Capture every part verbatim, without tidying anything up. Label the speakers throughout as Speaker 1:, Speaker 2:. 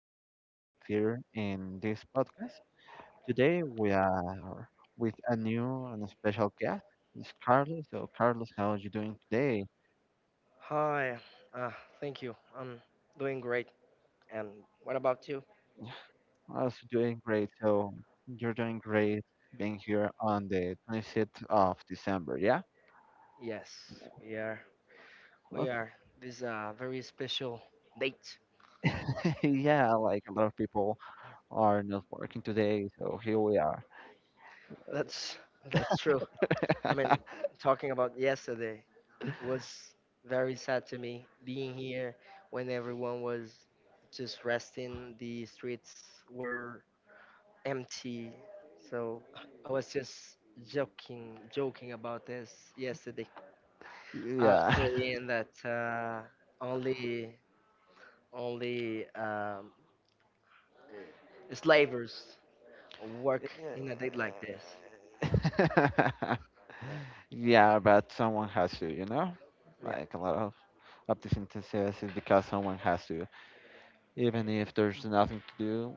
Speaker 1: much for being with here in this podcast. Today we are with a new and a special guest, it's Carlos. So Carlos, how are you doing today?
Speaker 2: Hi, uh, thank you. I'm doing great. And what about you?
Speaker 1: I was doing great. So you're doing great being here on the twenty-sixth of December, yeah?
Speaker 2: Yes, we are. We
Speaker 1: Okay,
Speaker 2: are. This is a very special date.
Speaker 1: yeah, like a lot of people are not working today, so here we are.
Speaker 2: That's that's true. I mean, talking about yesterday was very sad to me. Being here when everyone was just resting, the streets were empty. So I was just joking, joking about this yesterday. Uh,
Speaker 1: Yeah.
Speaker 2: saying that uh, only only um, slavers work in a day like this. Uh,
Speaker 1: Yeah, but someone has to, you know?
Speaker 2: yeah,
Speaker 1: Like a lot of, of this synthesis is because someone has to. Even if there's nothing to do,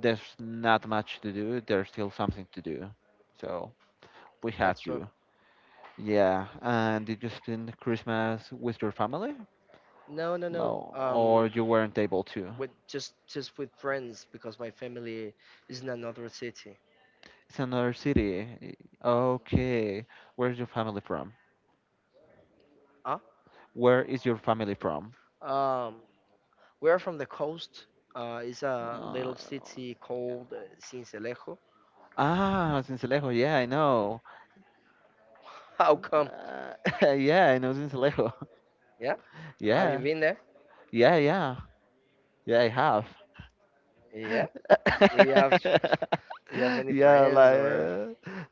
Speaker 1: there's not much to do, there's still something to do. So we have
Speaker 2: that's true.
Speaker 1: to. Yeah, and did you spend Christmas with your family?
Speaker 2: No, no, no.
Speaker 1: No, or
Speaker 2: Um,
Speaker 1: you weren't able to?
Speaker 2: with just just with friends because my family is in another city.
Speaker 1: It's another city. Okay, where's your family from?
Speaker 2: Huh?
Speaker 1: Where is your family from?
Speaker 2: Um, we are from the coast. Uh, it's a
Speaker 1: Uh,
Speaker 2: little city called uh, Sincelejo.
Speaker 1: ah, Sincelejo. Yeah, I know.
Speaker 2: How come?
Speaker 1: Uh, yeah, I know Sincelejo.
Speaker 2: Yeah. Have you
Speaker 1: Yeah.
Speaker 2: been there?
Speaker 1: Yeah, yeah. Yeah, I have.
Speaker 2: Yeah. Do you have do you have any
Speaker 1: yeah,
Speaker 2: friends
Speaker 1: like
Speaker 2: or?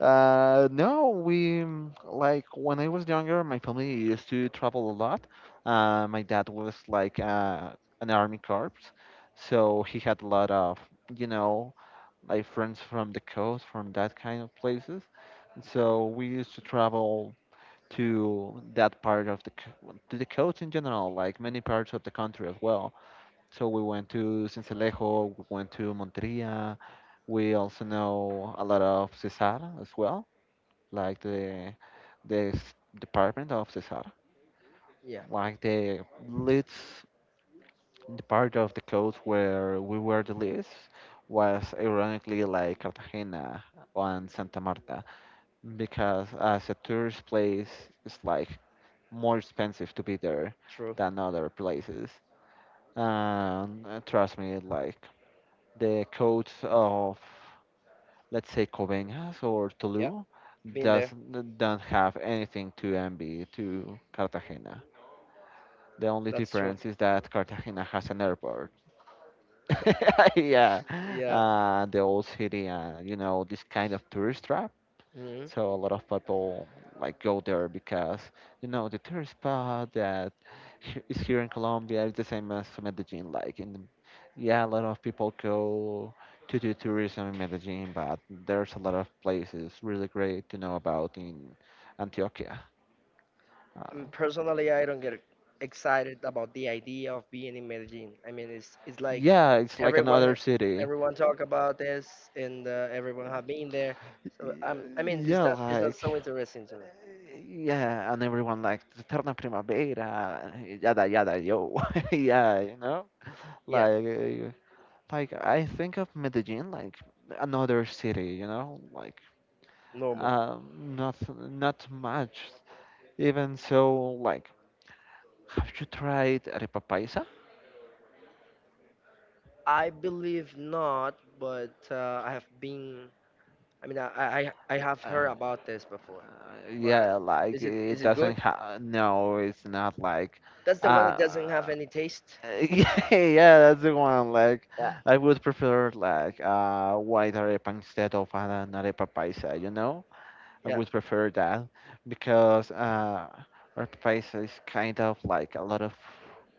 Speaker 1: uh, no, we mm, like when I was younger, my family used to travel a lot. Uh, my dad was like uh, an army corps, so he had a lot of you know like friends from the coast, from that kind of places. So we used to travel to that part of the c- to the coast in general, like many parts of the country as well. So we went to Sincelejo, we went to Monteria. We also know a lot of Cesar as well, like the the s- department of Cesar,
Speaker 2: Yeah.
Speaker 1: like the leads the part of the coast where we were the least was ironically like Cartagena and Santa Marta because as a tourist place it's like more expensive to be there
Speaker 2: True.
Speaker 1: than other places, and uh, trust me, like the codes of, let's say, Coveñas or
Speaker 2: Yeah,
Speaker 1: Tolu
Speaker 2: been
Speaker 1: does
Speaker 2: there.
Speaker 1: don't have anything to envy to Cartagena. The only
Speaker 2: That's true.
Speaker 1: difference is that Cartagena has an airport. Yeah,
Speaker 2: yeah.
Speaker 1: uh, the old city and you know this kind of tourist trap.
Speaker 2: Mhm.
Speaker 1: So a lot of people like go there because you know the tourist spot that he- is here in Colombia is the same as Medellin. Like, and yeah, a lot of people go to do tourism in Medellin, but there's a lot of places really great to know about in Antioquia. Uh,
Speaker 2: And personally, I don't get excited about the idea of being in Medellin. I mean, it's it's like
Speaker 1: yeah, it's like another
Speaker 2: everyone
Speaker 1: city.
Speaker 2: everyone talk about this, and uh, everyone have been there. So um, I mean, it's
Speaker 1: Yeah,
Speaker 2: not it's not
Speaker 1: like
Speaker 2: so interesting to me.
Speaker 1: yeah, and everyone like Terna Primavera, yada yada yo, yeah, you know,
Speaker 2: Yeah,
Speaker 1: like uh, like I think of Medellin like another city, you know, like
Speaker 2: normal.
Speaker 1: um, not not much. Even so, like, have you tried arepa paisa?
Speaker 2: I believe not, but uh, I have been. I mean, I, I I have
Speaker 1: Uh,
Speaker 2: heard about this before.
Speaker 1: uh, yeah, like
Speaker 2: Is it
Speaker 1: it
Speaker 2: is it good?
Speaker 1: doesn't have. No, it's not like.
Speaker 2: That's the one that
Speaker 1: Uh,
Speaker 2: doesn't have any taste.
Speaker 1: yeah, yeah, that's the one. Like,
Speaker 2: Yeah.
Speaker 1: I would prefer like uh white arepa instead of an arepa paisa. You know? I
Speaker 2: Yeah,
Speaker 1: would prefer that because uh, our place is kind of like a lot of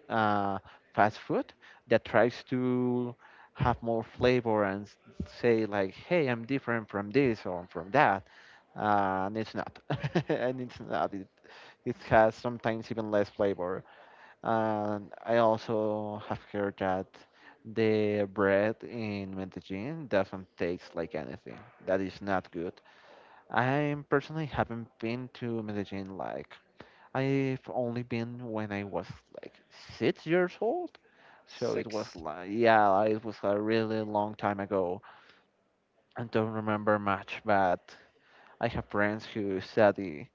Speaker 1: uh, fast food that tries to have more flavor and s- say like, "Hey, I'm different from this or from that," uh, and it's not, and it's not. It, it has sometimes even less flavor. And I also have heard that the bread in Medellin doesn't taste like anything. That is not good. I personally haven't been to Medellin, like I've only been when I was like six years old. So it was
Speaker 2: six.
Speaker 1: like yeah, it was a really long time ago. I don't remember much, but I have friends who study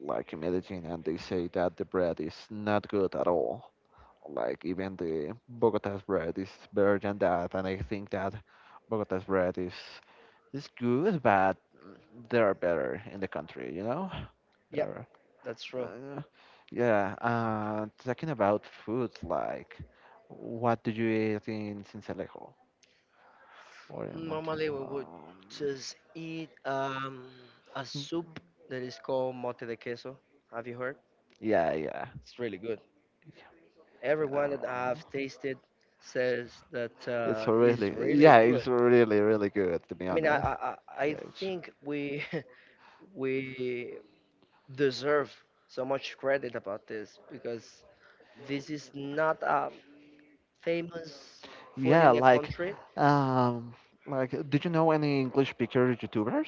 Speaker 1: like in Medellin and they say that the bread is not good at all. Like even the Bogota's bread is better than that, and I think that Bogota's bread is is good, but they are better in the country, you know?
Speaker 2: Yeah,
Speaker 1: There.
Speaker 2: that's true.
Speaker 1: Uh, yeah, uh, talking about food, like, what do you eat in Sincelejo or in Monte?
Speaker 2: Normally we would
Speaker 1: Um,
Speaker 2: just eat um, a soup that is called mote de queso. Have you heard?
Speaker 1: yeah, yeah,
Speaker 2: It's really good. Everyone that I've
Speaker 1: yeah.
Speaker 2: tasted says that
Speaker 1: It's
Speaker 2: uh, is
Speaker 1: really,
Speaker 2: really
Speaker 1: yeah,
Speaker 2: good.
Speaker 1: it's really, really good to be
Speaker 2: I mean, I
Speaker 1: honest.
Speaker 2: I, I
Speaker 1: Yeah,
Speaker 2: I
Speaker 1: it's-
Speaker 2: think we we deserve so much credit about this because this is not a famous food
Speaker 1: yeah,
Speaker 2: in the
Speaker 1: like,
Speaker 2: country.
Speaker 1: um, like, did you know any English speaker YouTubers,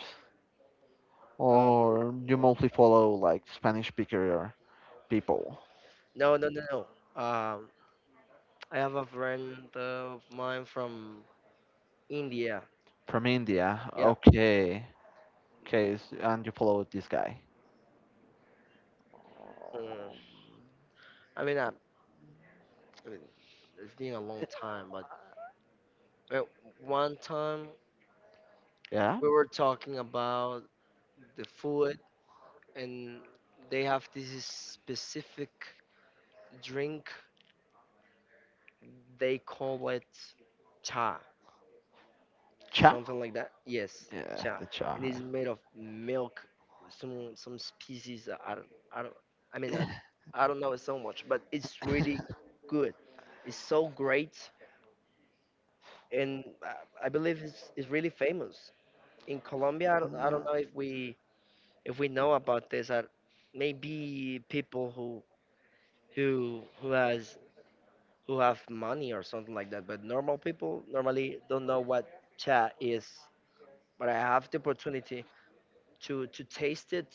Speaker 2: And
Speaker 1: or you mostly follow like Spanish speaker people
Speaker 2: no, no, no, no. Um, I have a friend of mine from India.
Speaker 1: from India?
Speaker 2: Yeah.
Speaker 1: Okay, okay, s- and you follow this guy.
Speaker 2: mm,
Speaker 1: Um,
Speaker 2: I mean, uh, I mean, it's been a long time, but uh, one time
Speaker 1: Yeah,
Speaker 2: we were talking about the food, and they have this specific drink. They call it Cha,
Speaker 1: cha.
Speaker 2: something like that. Yes,
Speaker 1: Yeah,
Speaker 2: cha,
Speaker 1: the
Speaker 2: and it's
Speaker 1: cha.
Speaker 2: made of milk, with some some species. Uh, I don't, I don't, I mean, I,
Speaker 1: Huh?
Speaker 2: I don't know it so much, but it's really good. It's so great, and I, I believe it's it's really famous in Colombia. I don't, I don't know if we if we know about this. Uh, maybe people who who who has who have money or something like that, but normal people normally don't know what cha is. But I have the opportunity to to taste it,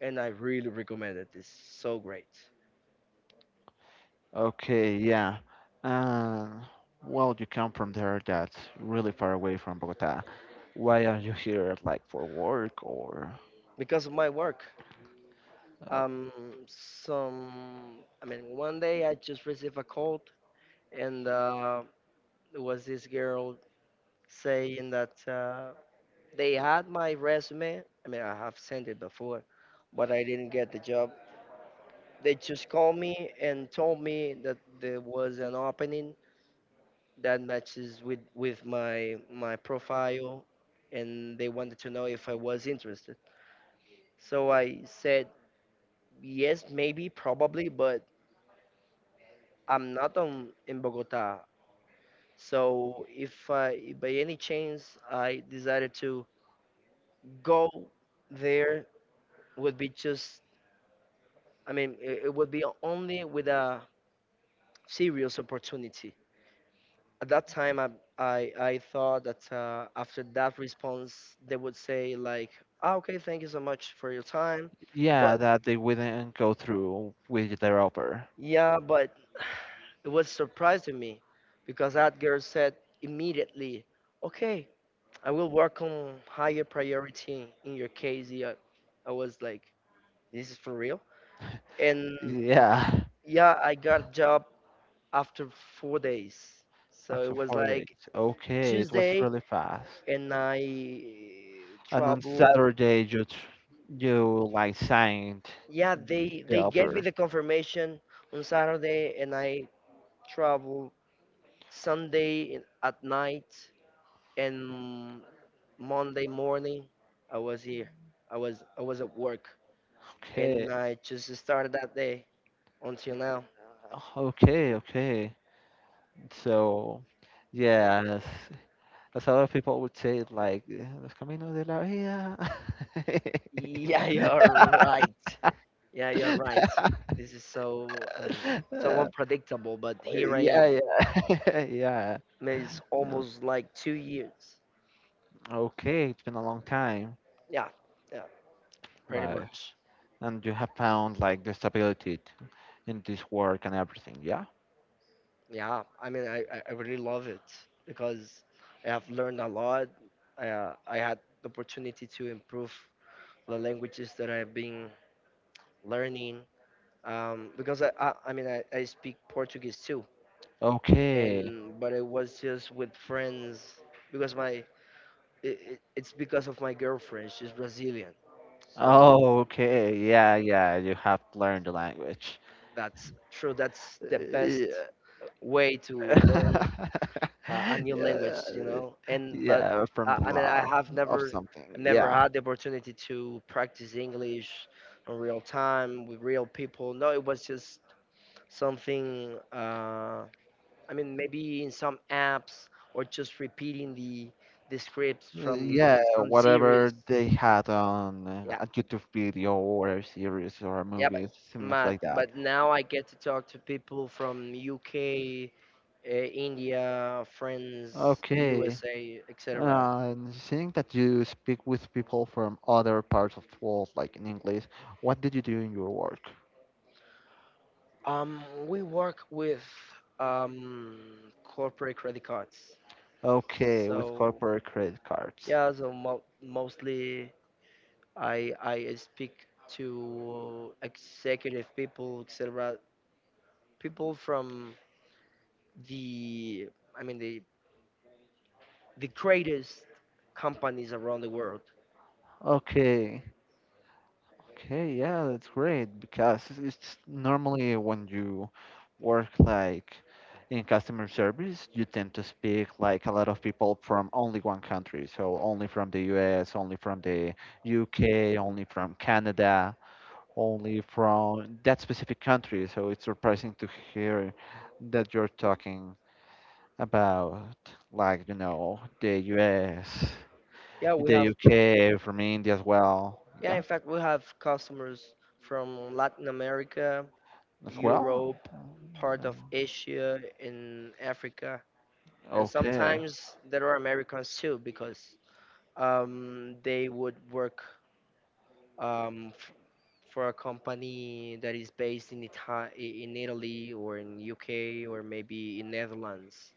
Speaker 2: and I really recommend it. It's so great
Speaker 1: Okay, yeah. Um, well, you come from there that's really far away from Bogota. Why are you here, like for work or?
Speaker 2: because of my work.
Speaker 1: Uh,
Speaker 2: Um, some I mean, one day I just received a call, and uh, it was this girl saying that uh, they had my resume. I mean, I have sent it before, but I didn't get the job. They just called me and told me that there was an opening that matches with with my my profile, and they wanted to know if I was interested. So I said, yes, maybe, probably, but I'm not on, in Bogota. So if I, if by any chance I decided to go there, would be just, I mean, it, it would be only with a serious opportunity. At that time, I, I, I thought that uh, after that response, they would say like, ah, okay, thank you so much for your time,
Speaker 1: yeah,
Speaker 2: but
Speaker 1: that they wouldn't go through with their offer.
Speaker 2: yeah, but it was surprising me because that girl said immediately, "Okay, I will work on higher priority in your case." Yeah. I was like, "This is for real?" And
Speaker 1: Yeah,
Speaker 2: yeah, I got job after four days. So it
Speaker 1: after
Speaker 2: was
Speaker 1: four days.
Speaker 2: like
Speaker 1: Okay, it was
Speaker 2: Tuesday,
Speaker 1: really fast.
Speaker 2: and I
Speaker 1: And on
Speaker 2: traveled.
Speaker 1: Saturday you tr- you like signed
Speaker 2: Yeah,
Speaker 1: y-
Speaker 2: they
Speaker 1: the
Speaker 2: they gave me
Speaker 1: offer.
Speaker 2: the confirmation on Saturday, and I traveled Sunday in- at night and Monday morning, I was here. I was I was at work,
Speaker 1: Okay,
Speaker 2: and I just started that day until now.
Speaker 1: uh, okay, okay. So, yes, as a lot of people would say, it like eh, los caminos de la vida.
Speaker 2: Yeah, you're right. Yeah, you're right. This is so I mean so
Speaker 1: Uh,
Speaker 2: unpredictable, but here I
Speaker 1: yeah,
Speaker 2: am.
Speaker 1: yeah, yeah.
Speaker 2: I mean, it's
Speaker 1: Yeah.
Speaker 2: almost like two years.
Speaker 1: Okay, it's been a long time,
Speaker 2: Yeah, yeah, pretty
Speaker 1: like,
Speaker 2: much.
Speaker 1: and you have found like the stability in this work and everything. Yeah.
Speaker 2: Yeah, I mean I I I really love it because I have learned a lot. I uh, I had the opportunity to improve the languages that I've been learning um, because I, I I mean I, I speak Portuguese too,
Speaker 1: Okay.
Speaker 2: and but it was just with friends because my it, it, it's because of my girlfriend. She's Brazilian, so
Speaker 1: Oh, okay. Yeah, yeah. You have learned the language.
Speaker 2: that's true. That's the best
Speaker 1: Yeah.
Speaker 2: way to learn uh, a new
Speaker 1: Yeah,
Speaker 2: language, you know. And but
Speaker 1: yeah, from
Speaker 2: I,
Speaker 1: the
Speaker 2: I mean I
Speaker 1: law
Speaker 2: have
Speaker 1: of
Speaker 2: never
Speaker 1: something.
Speaker 2: never
Speaker 1: Yeah,
Speaker 2: had the opportunity to practice English in real time with real people. No, it was just something. Uh, I mean, maybe in some apps or just repeating the the scripts. Yeah.
Speaker 1: Uh, yeah.
Speaker 2: From some series.
Speaker 1: Whatever they had on uh,
Speaker 2: Yeah,
Speaker 1: a YouTube video or a series or a
Speaker 2: yeah, but
Speaker 1: movie, something
Speaker 2: but,
Speaker 1: like that.
Speaker 2: but now I get to talk to people from U K, uh, India, friends,
Speaker 1: Okay.
Speaker 2: U S A, et cetera.
Speaker 1: Uh, seeing that you speak with people from other parts of the world, like in English, what did you do in your work?
Speaker 2: Um, we work with um, corporate credit cards.
Speaker 1: Okay, with
Speaker 2: So
Speaker 1: corporate credit cards.
Speaker 2: yeah, so mo- mostly I I speak to executive people, et cetera People from the I mean the the greatest companies around the world.
Speaker 1: Okay. Okay, yeah, that's great because it's it's normally when you work like in customer service, you tend to speak like a lot of people from only one country. So only from the U S, only from the U K, only from Canada, only from that specific country. So it's surprising to hear that you're talking about, like, you know, the U S,
Speaker 2: Yeah, we
Speaker 1: the
Speaker 2: have
Speaker 1: U K, from India as well.
Speaker 2: yeah,
Speaker 1: Yeah,
Speaker 2: in fact we have customers from Latin America,
Speaker 1: as well.
Speaker 2: Europe, part of
Speaker 1: Um,
Speaker 2: Asia and Africa. And
Speaker 1: Okay,
Speaker 2: sometimes there are Americans too because um, they would work um, f- for a company that is based in Ita- i- in Italy or in U K or maybe in Netherlands.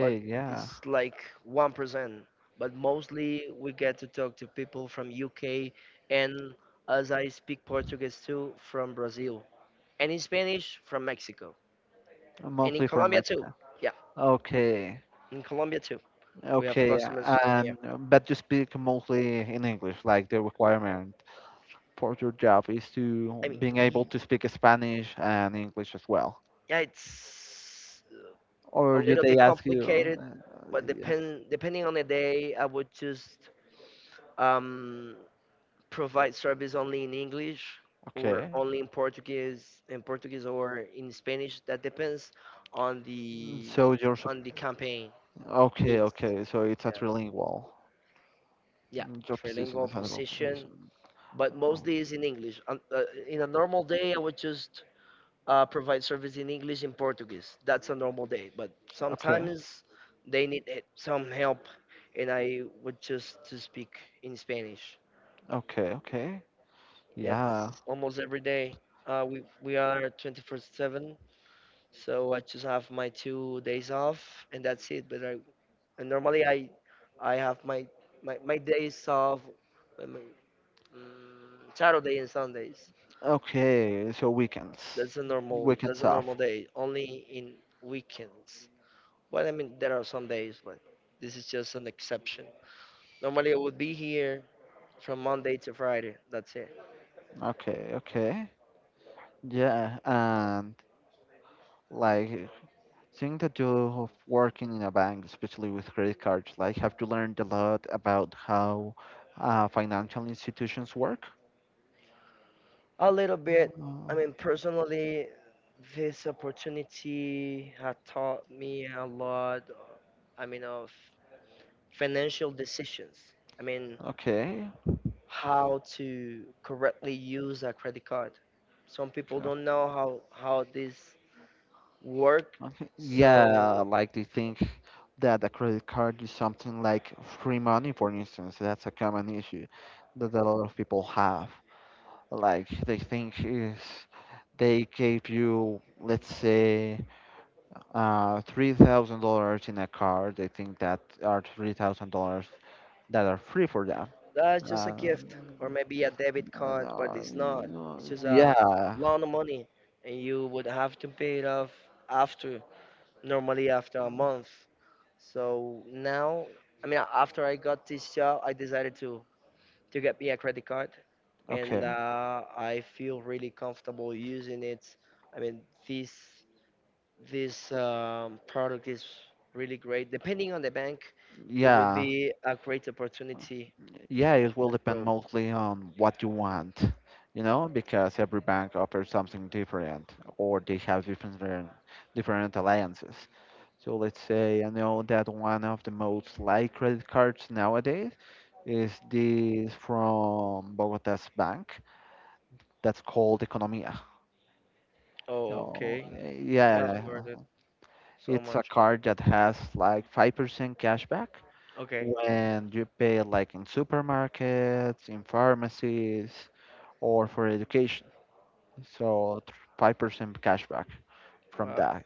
Speaker 2: But
Speaker 1: yeah.
Speaker 2: it's like one percent. But mostly we get to talk to people from U K and, as I speak Portuguese too, from Brazil. And in Spanish, from Mexico. And in
Speaker 1: Mostly from
Speaker 2: Colombia too.
Speaker 1: Mexico.
Speaker 2: Yeah,
Speaker 1: Okay,
Speaker 2: in Colombia too. We have
Speaker 1: okay,
Speaker 2: customers from here.
Speaker 1: and but you speak mostly in English, like the requirement for your job is to
Speaker 2: I mean,
Speaker 1: being able
Speaker 2: y-
Speaker 1: to speak Spanish and English as well.
Speaker 2: yeah, it's uh, a
Speaker 1: Or you,
Speaker 2: little
Speaker 1: they
Speaker 2: bit
Speaker 1: ask you,
Speaker 2: complicated,
Speaker 1: uh,
Speaker 2: but
Speaker 1: yeah.
Speaker 2: depend depending on the day, I would just um, provide service only in English or
Speaker 1: Okay.
Speaker 2: only in Portuguese, in Portuguese or in Spanish. That depends on the
Speaker 1: So you're sup-
Speaker 2: on the campaign
Speaker 1: okay,
Speaker 2: needs.
Speaker 1: okay. So it's a
Speaker 2: Yeah,
Speaker 1: trilingual.
Speaker 2: yeah,
Speaker 1: Mm, your position
Speaker 2: trilingual
Speaker 1: is a trilingual
Speaker 2: position,
Speaker 1: position.
Speaker 2: but
Speaker 1: Um,
Speaker 2: mostly is in English. On, uh, in a normal day, I would just uh, provide service in English and Portuguese. That's a normal day, but
Speaker 1: Okay,
Speaker 2: sometimes they need it- some help, and I would just to speak in Spanish.
Speaker 1: okay, okay.
Speaker 2: Yeah,
Speaker 1: Yeah.
Speaker 2: it's almost every day. Uh, we we are twenty-four seven, so I just have my two days off, and that's it. But I and normally I I have my my, my days off, uh, my, mm, Saturday and Sundays.
Speaker 1: Okay. So weekends,
Speaker 2: That's a normal that's
Speaker 1: weekends
Speaker 2: a normal
Speaker 1: off.
Speaker 2: day. Only in weekends. Well, I mean there are some days, but this is just an exception. Normally I would be here from Monday to Friday. That's it.
Speaker 1: Okay, okay. Yeah, and like think that you of working in a bank, especially with credit cards, like have you learned a lot about how uh, financial institutions work?
Speaker 2: A little bit.
Speaker 1: Uh,
Speaker 2: I mean, personally, this opportunity had taught me a lot. I mean, of financial decisions. I mean,
Speaker 1: okay.
Speaker 2: how to correctly use a credit card. Some people
Speaker 1: Okay.
Speaker 2: don't know how how this work,
Speaker 1: Okay.
Speaker 2: so
Speaker 1: Yeah, like they think that a credit card is something like free money, for instance. That's a common issue that a lot of people have. Like they think is they gave you, let's say, uh, three thousand dollars in a car. They think that are three thousand dollars that are free for them.
Speaker 2: that's just a
Speaker 1: Um,
Speaker 2: gift or maybe a debit card, but
Speaker 1: uh,
Speaker 2: it's not. It's just a
Speaker 1: yeah.
Speaker 2: loan of money, and you would have to pay it off after, normally after a month. So now, I mean, after I got this job, I decided to to get me a credit card, and
Speaker 1: Okay.
Speaker 2: uh, I feel really comfortable using it. I mean, this this um, product is really great. Depending on the bank, it would
Speaker 1: Yeah.
Speaker 2: be a great opportunity
Speaker 1: Yeah, it will
Speaker 2: to
Speaker 1: depend
Speaker 2: grow.
Speaker 1: mostly on what you want, you know, because every bank offers something different, or they have different different alliances. So let's say I know that one of the most liked credit cards nowadays is this from Bogota's bank that's called Economia.
Speaker 2: Oh,
Speaker 1: So
Speaker 2: okay. I
Speaker 1: yeah,
Speaker 2: haven't heard it so
Speaker 1: it's a
Speaker 2: much,
Speaker 1: card
Speaker 2: but
Speaker 1: that has like five percent cashback
Speaker 2: okay.
Speaker 1: when you pay like in supermarkets, in pharmacies, or for education. So five percent cashback from
Speaker 2: Wow.
Speaker 1: that.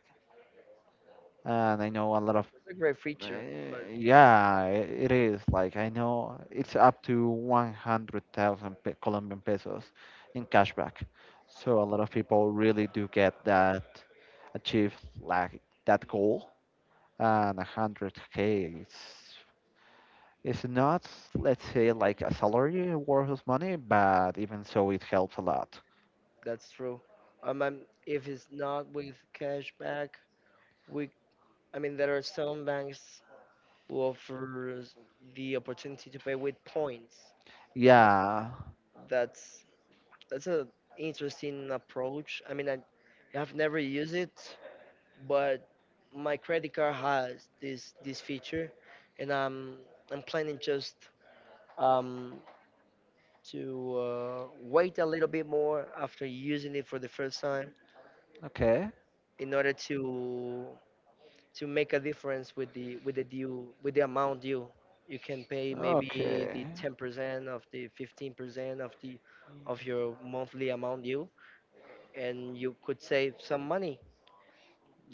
Speaker 1: And I know a lot of
Speaker 2: It's a great
Speaker 1: uh,
Speaker 2: feature, but
Speaker 1: yeah, it is like I know it's up to one hundred thousand pe- Colombian pesos in cashback. So a lot of people really do get that achieve like that goal, and one hundred k it's it's not let's say like a salary worth of money, but even so it helps a lot.
Speaker 2: that's true. Um, I'm- if it's not with cashback, We, I mean, there are some banks who offer the opportunity to pay with points.
Speaker 1: Yeah.
Speaker 2: That's that's a interesting approach. I mean, I, have never used it, but my credit card has this this feature, and I'm I'm planning just um to uh, wait a little bit more after using it for the first time
Speaker 1: Okay.
Speaker 2: in order to to make a difference with the with the due with the amount due. You can pay maybe
Speaker 1: Okay.
Speaker 2: the ten percent of the fifteen percent of the of your monthly amount due, and you could save some money.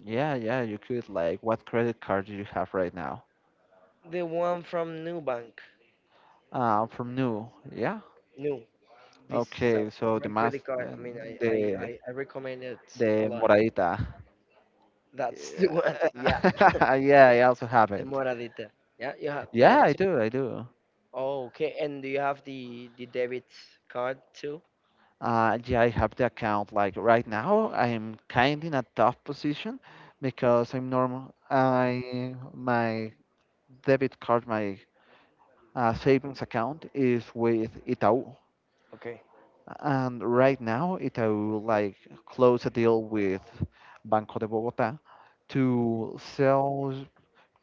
Speaker 1: Yeah, yeah, you could. Like, what credit card do you have right now?
Speaker 2: The one from New Bank,
Speaker 1: Uh, from New. Yeah.
Speaker 2: New. This is a
Speaker 1: Okay, so the
Speaker 2: great
Speaker 1: mas
Speaker 2: credit card.
Speaker 1: uh,
Speaker 2: I mean, I I,
Speaker 1: the
Speaker 2: I, I recommend it a
Speaker 1: the
Speaker 2: lot.
Speaker 1: Moradita.
Speaker 2: That's the one. Yeah,
Speaker 1: Yeah, yeah, I also have
Speaker 2: the
Speaker 1: it.
Speaker 2: Moradita. Yeah, you have you
Speaker 1: Yeah,
Speaker 2: have
Speaker 1: I
Speaker 2: to.
Speaker 1: do, I do.
Speaker 2: Oh, okay. And do you have the the debit card too?
Speaker 1: Uh, yeah, I have the account. Like right now, I'm kind in a tough position because I'm normal. I my debit card, my uh, savings account is with Itaú.
Speaker 2: Okay.
Speaker 1: And right now, it will like close a deal with Banco de Bogota to sell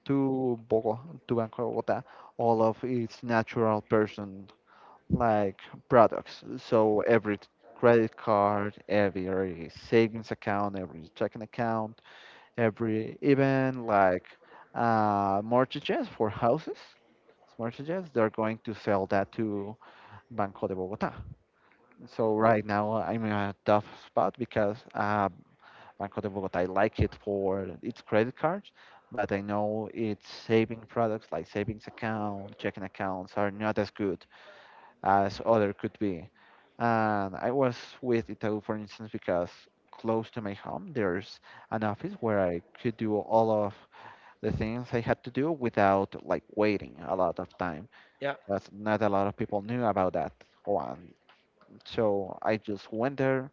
Speaker 1: to Bogota, to Banco de Bogota all of its natural person like products. So every t- credit card, every savings account, every checking account, every even like uh, mortgages for houses, mortgages, they're going to sell that to Banco de Bogota. So right now I'm in a tough spot because uh, Banco de Bogota, I like it for its credit cards, but I know its saving products like savings account, checking accounts are not as good as other could be. And I was with Itaú, for instance, because close to my home there's an office where I could do all of the things I had to do without like waiting a lot of time.
Speaker 2: Yeah.
Speaker 1: That's not a lot of people knew about that one. So I just went there,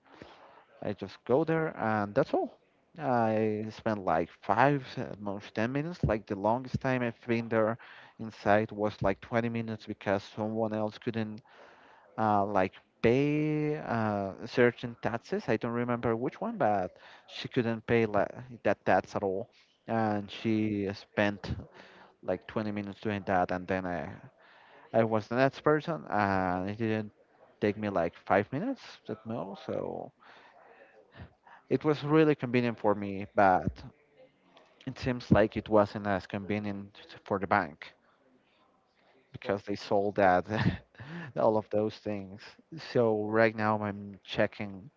Speaker 1: I just go there and that's all. I spent like five, at most ten minutes. Like the longest time I've been there inside was like twenty minutes because someone else couldn't uh, like pay uh, certain taxes. I don't remember which one, but she couldn't pay la that tax at all. And she spent like twenty minutes doing that. And then I, I was the next person and it didn't take me like five minutes at most. So. It was really convenient for me, but it seems like it wasn't as convenient for the bank
Speaker 2: Yeah.
Speaker 1: because they sold that all of those things. So right now I'm checking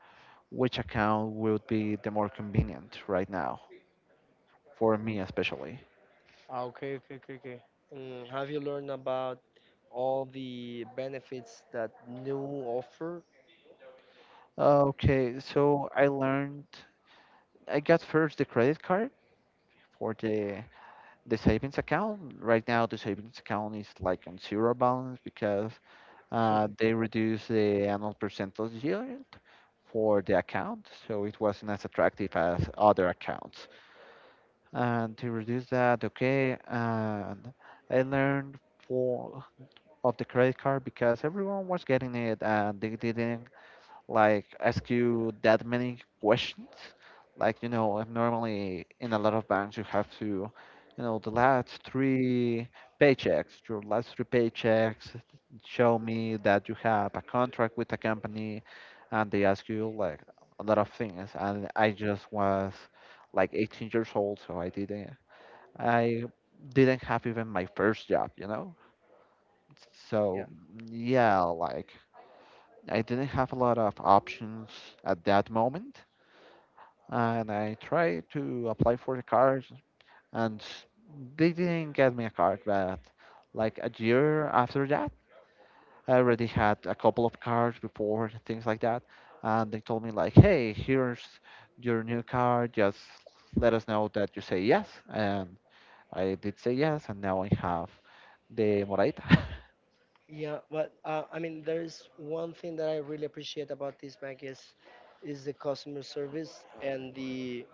Speaker 1: which account would be the more convenient right now for me especially.
Speaker 2: Ah, okay. Mm, have you learned about all the benefits that new offer?
Speaker 1: Okay, so I learned I got first the credit card for the the savings account. Right now the savings account is like on zero balance because Uh, they reduced the annual percentage yield for the account, so it wasn't as attractive as other accounts. And to reduce that, okay, and I learned for of the credit card because everyone was getting it and they didn't like ask you that many questions. Like, you know, I'm normally in a lot of banks, you have to, you know, the last three paychecks, your last three paychecks show me that you have a contract with a company, and they ask you like a lot of things. And I just was like eighteen years old, so I didn't, I didn't have even my first job, you know?
Speaker 2: Yeah,
Speaker 1: So, yeah, like I didn't have a lot of options at that moment, and I tried to apply for the card, and they didn't get me a card. But like a year after that, I already had a couple of cards before and things like that, and they told me like, "Hey, here's your new card. Just let us know that you say yes." And I did say yes, and now I have the Moraita.
Speaker 2: yeah, but uh, I mean, there is one thing that I really appreciate about this bank is is the customer service and the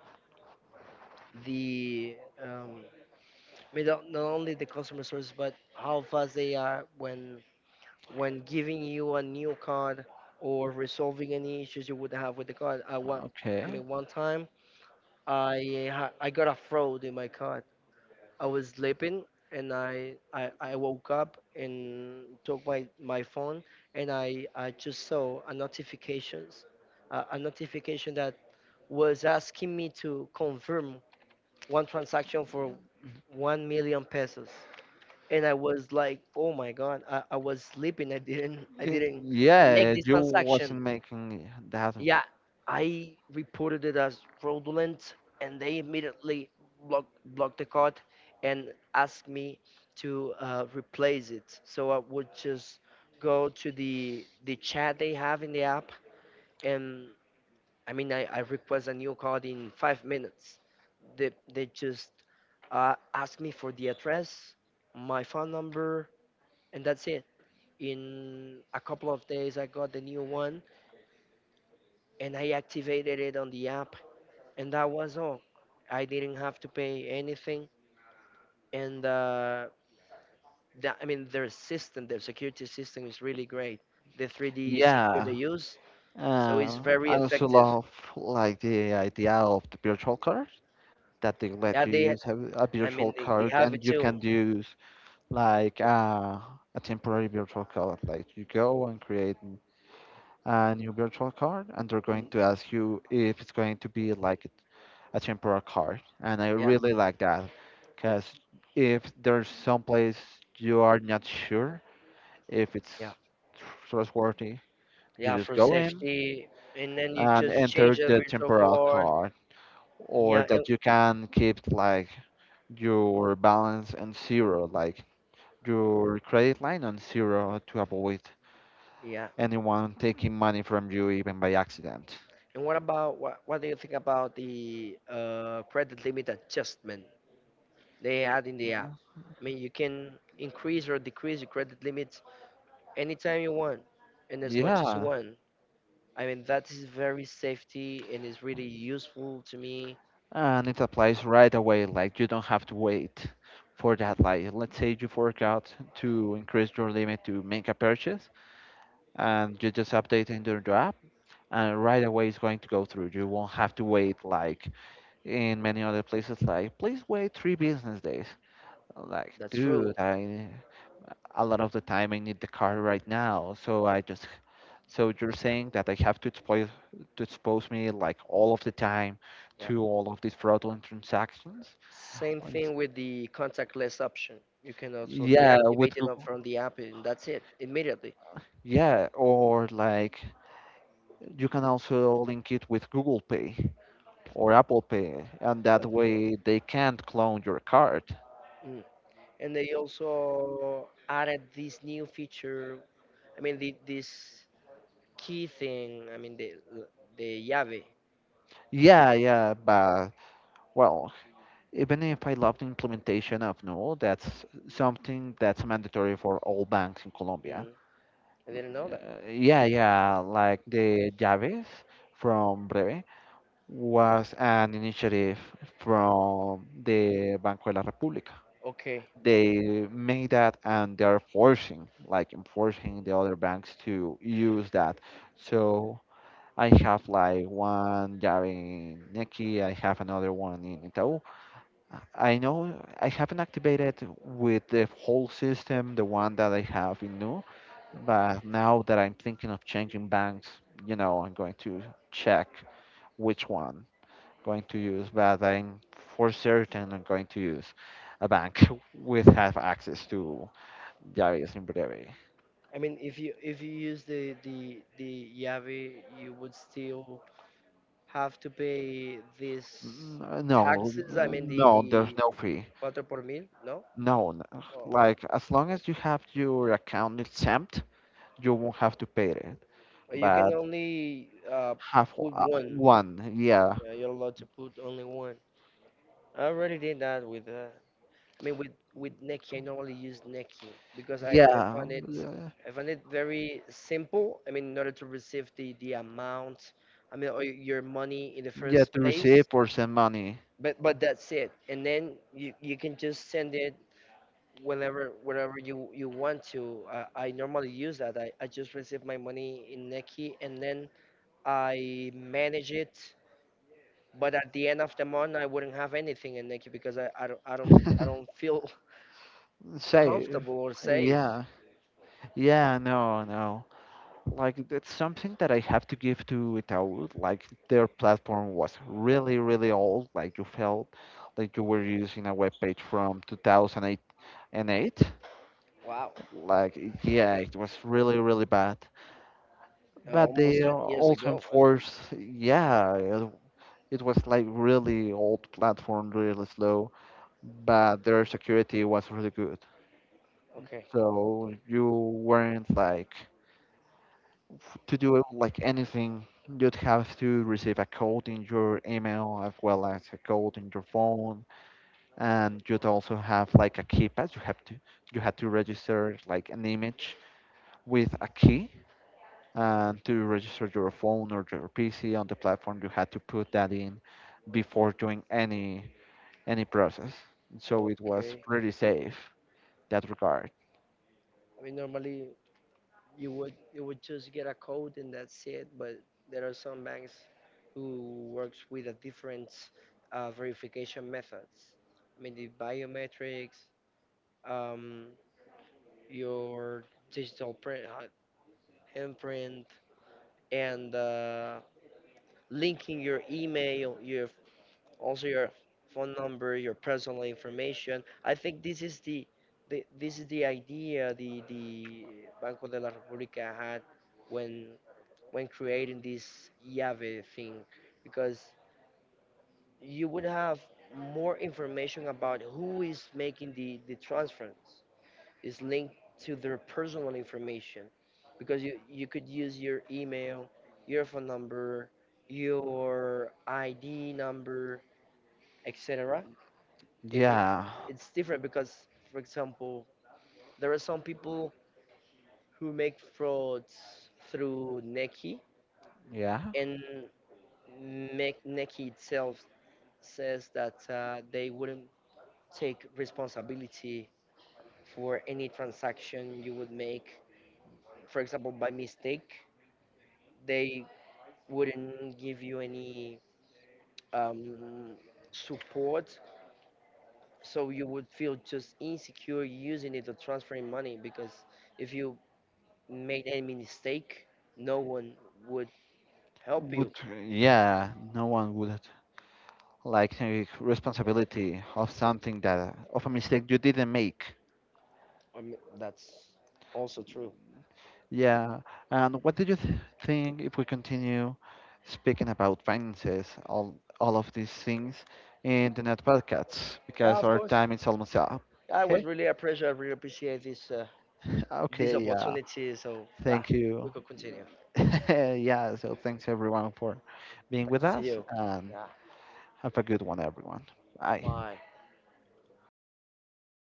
Speaker 2: the um, I mean, not not only the customer service, but how fast they are when when giving you a new card or resolving any issues you would have with the card. I want, I
Speaker 1: Okay.
Speaker 2: mean, one time I ha- I got a fraud in my card. I was sleeping, and I, I, I woke up and took my, my phone, and I, I just saw a notifications, uh, a notification that was asking me to confirm one transaction for one million pesos. And I was like, oh my god, I, I was sleeping, I didn't, I
Speaker 1: Y-
Speaker 2: didn't
Speaker 1: Yeah,
Speaker 2: make this
Speaker 1: you
Speaker 2: transaction.
Speaker 1: wasn't making that.
Speaker 2: Yeah, I reported it as fraudulent, and they immediately blocked blocked the card and asked me to uh, replace it. So I would just go to the the chat they have in the app, and I mean I, I request a new card in five minutes. They they just uh, ask me for the address, my phone number, and that's it. In a couple of days, I got the new one and I activated it on the app, and that was all. I didn't have to pay anything, and uh, the, I mean their system, their security system is really great. The three D secure they
Speaker 1: Yeah.
Speaker 2: use, so it's
Speaker 1: Uh,
Speaker 2: very
Speaker 1: I also
Speaker 2: effective.
Speaker 1: love like the idea of the virtual card that they
Speaker 2: Yeah,
Speaker 1: let you
Speaker 2: they,
Speaker 1: use a, a
Speaker 2: I mean
Speaker 1: virtual
Speaker 2: they, they
Speaker 1: card
Speaker 2: have it
Speaker 1: and you
Speaker 2: too.
Speaker 1: can use like uh, a temporary virtual card. Like you go and create n- a new virtual card and they're going
Speaker 2: Mm,
Speaker 1: to ask you if it's going to be like a temporary card. And I
Speaker 2: yeah,
Speaker 1: really like that because if there's some place you are not sure if it's
Speaker 2: yeah,
Speaker 1: trustworthy, you
Speaker 2: yeah,
Speaker 1: just
Speaker 2: for
Speaker 1: go in
Speaker 2: safety, and then you
Speaker 1: and
Speaker 2: just change
Speaker 1: enter
Speaker 2: the
Speaker 1: the
Speaker 2: virtual
Speaker 1: temporal
Speaker 2: card.
Speaker 1: card, or
Speaker 2: Yeah, and,
Speaker 1: that you can keep like your balance on zero, like your credit line on zero to avoid
Speaker 2: yeah.
Speaker 1: anyone taking money from you even by accident.
Speaker 2: And what about what? What do you think about the uh, credit limit adjustment they add in the app? I mean, you can increase or decrease your credit limits anytime you want and as much as you
Speaker 1: Yeah,
Speaker 2: want. I mean, that is very safety and is really useful to me.
Speaker 1: and it applies right away. Like you don't have to wait for that. Like let's say you forgot to increase your limit to make a purchase, and you just update into the app and right away it's going to go through. You won't have to wait like in many other places like, please wait three business days. I'm like,
Speaker 2: That's
Speaker 1: dude,
Speaker 2: true.
Speaker 1: I a lot of the time I need the car right now. So I just so you're saying that I have to expose to expose me like all of the time
Speaker 2: Yeah.
Speaker 1: to all of these fraudulent transactions?
Speaker 2: Same
Speaker 1: And
Speaker 2: thing with the contactless option. You can also
Speaker 1: yeah, with
Speaker 2: deactivate it up
Speaker 1: Google.
Speaker 2: from the app, and that's it, immediately.
Speaker 1: Yeah, or like you can also link it with Google Pay or Apple Pay, and that
Speaker 2: That's true.
Speaker 1: way they can't clone your card.
Speaker 2: Mm. And they also added this new feature. I mean, the, this key thing. I mean, the the llave.
Speaker 1: Yeah, yeah, but well, even if I love the implementation of no, that's something that's mandatory for all banks in Colombia.
Speaker 2: Mm. I didn't know that.
Speaker 1: Uh, yeah, yeah, like the Llaves from Breve was an initiative from the Banco de la República.
Speaker 2: Okay.
Speaker 1: They made that and they're forcing, like enforcing the other banks to use that. So I have like one job in Neki. I have another one in Itaú. I know I haven't activated with the whole system, the one that I have in Nu, but now that I'm thinking of changing banks, you know, I'm going to check which one going to use, but I'm for certain I'm going to use a bank with have access to Javis in Breve.
Speaker 2: I mean, if you if you use the the the Yavi, you would still have to pay these
Speaker 1: N- No,
Speaker 2: taxes. I
Speaker 1: uh,
Speaker 2: mean, the
Speaker 1: no, there's
Speaker 2: the
Speaker 1: no fee.
Speaker 2: cuatro por mil, no?
Speaker 1: No, n- like as long as you have your account exempt, you won't have to pay it.
Speaker 2: Or you can
Speaker 1: But
Speaker 2: only uh,
Speaker 1: have o-
Speaker 2: put
Speaker 1: uh,
Speaker 2: one.
Speaker 1: one, yeah,
Speaker 2: Yeah, you're allowed to put only one. I already did that with. Uh, I mean, with with Neki. I normally use Neki because I I
Speaker 1: yeah,
Speaker 2: find it,
Speaker 1: yeah,
Speaker 2: I find it very simple. I mean, in order to receive the the amount, I mean, or your money in the
Speaker 1: yeah,
Speaker 2: first
Speaker 1: to receive
Speaker 2: place,
Speaker 1: or send money.
Speaker 2: but but that's it, and then you you can just send it whenever, wherever you you want to. uh, I normally use that. I, I just receive my money in Neki, and then I manage it. But at the end of the month, I wouldn't have anything in Neki, because i, I don't i don't I don't feel
Speaker 1: Save,
Speaker 2: comfortable or safe.
Speaker 1: yeah, yeah, no, no, like that's something that I have to give to Itaú. Like their platform was really, really old. Like you felt like you were using a web page from two thousand eight and eight.
Speaker 2: Wow.
Speaker 1: Like yeah, it was really, really bad. But they
Speaker 2: Almost twenty years
Speaker 1: also
Speaker 2: ago, man.
Speaker 1: enforced yeah, it it was like really old platform, really slow. But their security was really good.
Speaker 2: Okay.
Speaker 1: So you weren't like f- to do like anything, you'd have to receive a code in your email as well as a code in your phone, and you'd also have like a keypad. You have to you had to register like an image with a key, and to register your phone or your P C on the platform, you had to put that in before doing any any process. So it was
Speaker 2: okay
Speaker 1: pretty safe that regard.
Speaker 2: I mean, normally you would, you would just get a code and that's it. But there are some banks who works with a different uh, verification methods. I mean the biometrics, um, your digital print, uh, imprint, and uh, linking your email, your, also your phone number, your personal information. I think this is the, the this is the idea the the Banco de la República had when when creating this Yave thing, because you would have more information about who is making the, the transference. It's linked to their personal information, because you, you could use your email, your phone number, your I D number, et cetera. It, it,
Speaker 1: Yeah,
Speaker 2: it's different because, for example, there are some people who make frauds through Neki,
Speaker 1: yeah
Speaker 2: and make Neki itself says that uh, they wouldn't take responsibility for any transaction you would make. For example, by mistake, they wouldn't give you any um, support, so you would feel just insecure using it or transferring money, because if you made any mistake, no one would help you.
Speaker 1: would yeah no one would like take responsibility of something that of a mistake you didn't make.
Speaker 2: I mean, that's also true.
Speaker 1: Yeah, and what do you th- think if we continue speaking about finances, all all of these things in the net podcasts
Speaker 2: Yeah,
Speaker 1: because
Speaker 2: of
Speaker 1: our
Speaker 2: course.
Speaker 1: time is almost up.
Speaker 2: Yeah, it was
Speaker 1: Okay,
Speaker 2: really a pleasure. I really appreciate this uh, this
Speaker 1: okay, yeah,
Speaker 2: opportunity. So yeah,
Speaker 1: thank
Speaker 2: we
Speaker 1: you.
Speaker 2: could continue.
Speaker 1: yeah, so thanks everyone for being with
Speaker 2: Thanks to
Speaker 1: us
Speaker 2: you.
Speaker 1: and
Speaker 2: Yeah,
Speaker 1: have a good one, everyone. Bye.
Speaker 2: bye.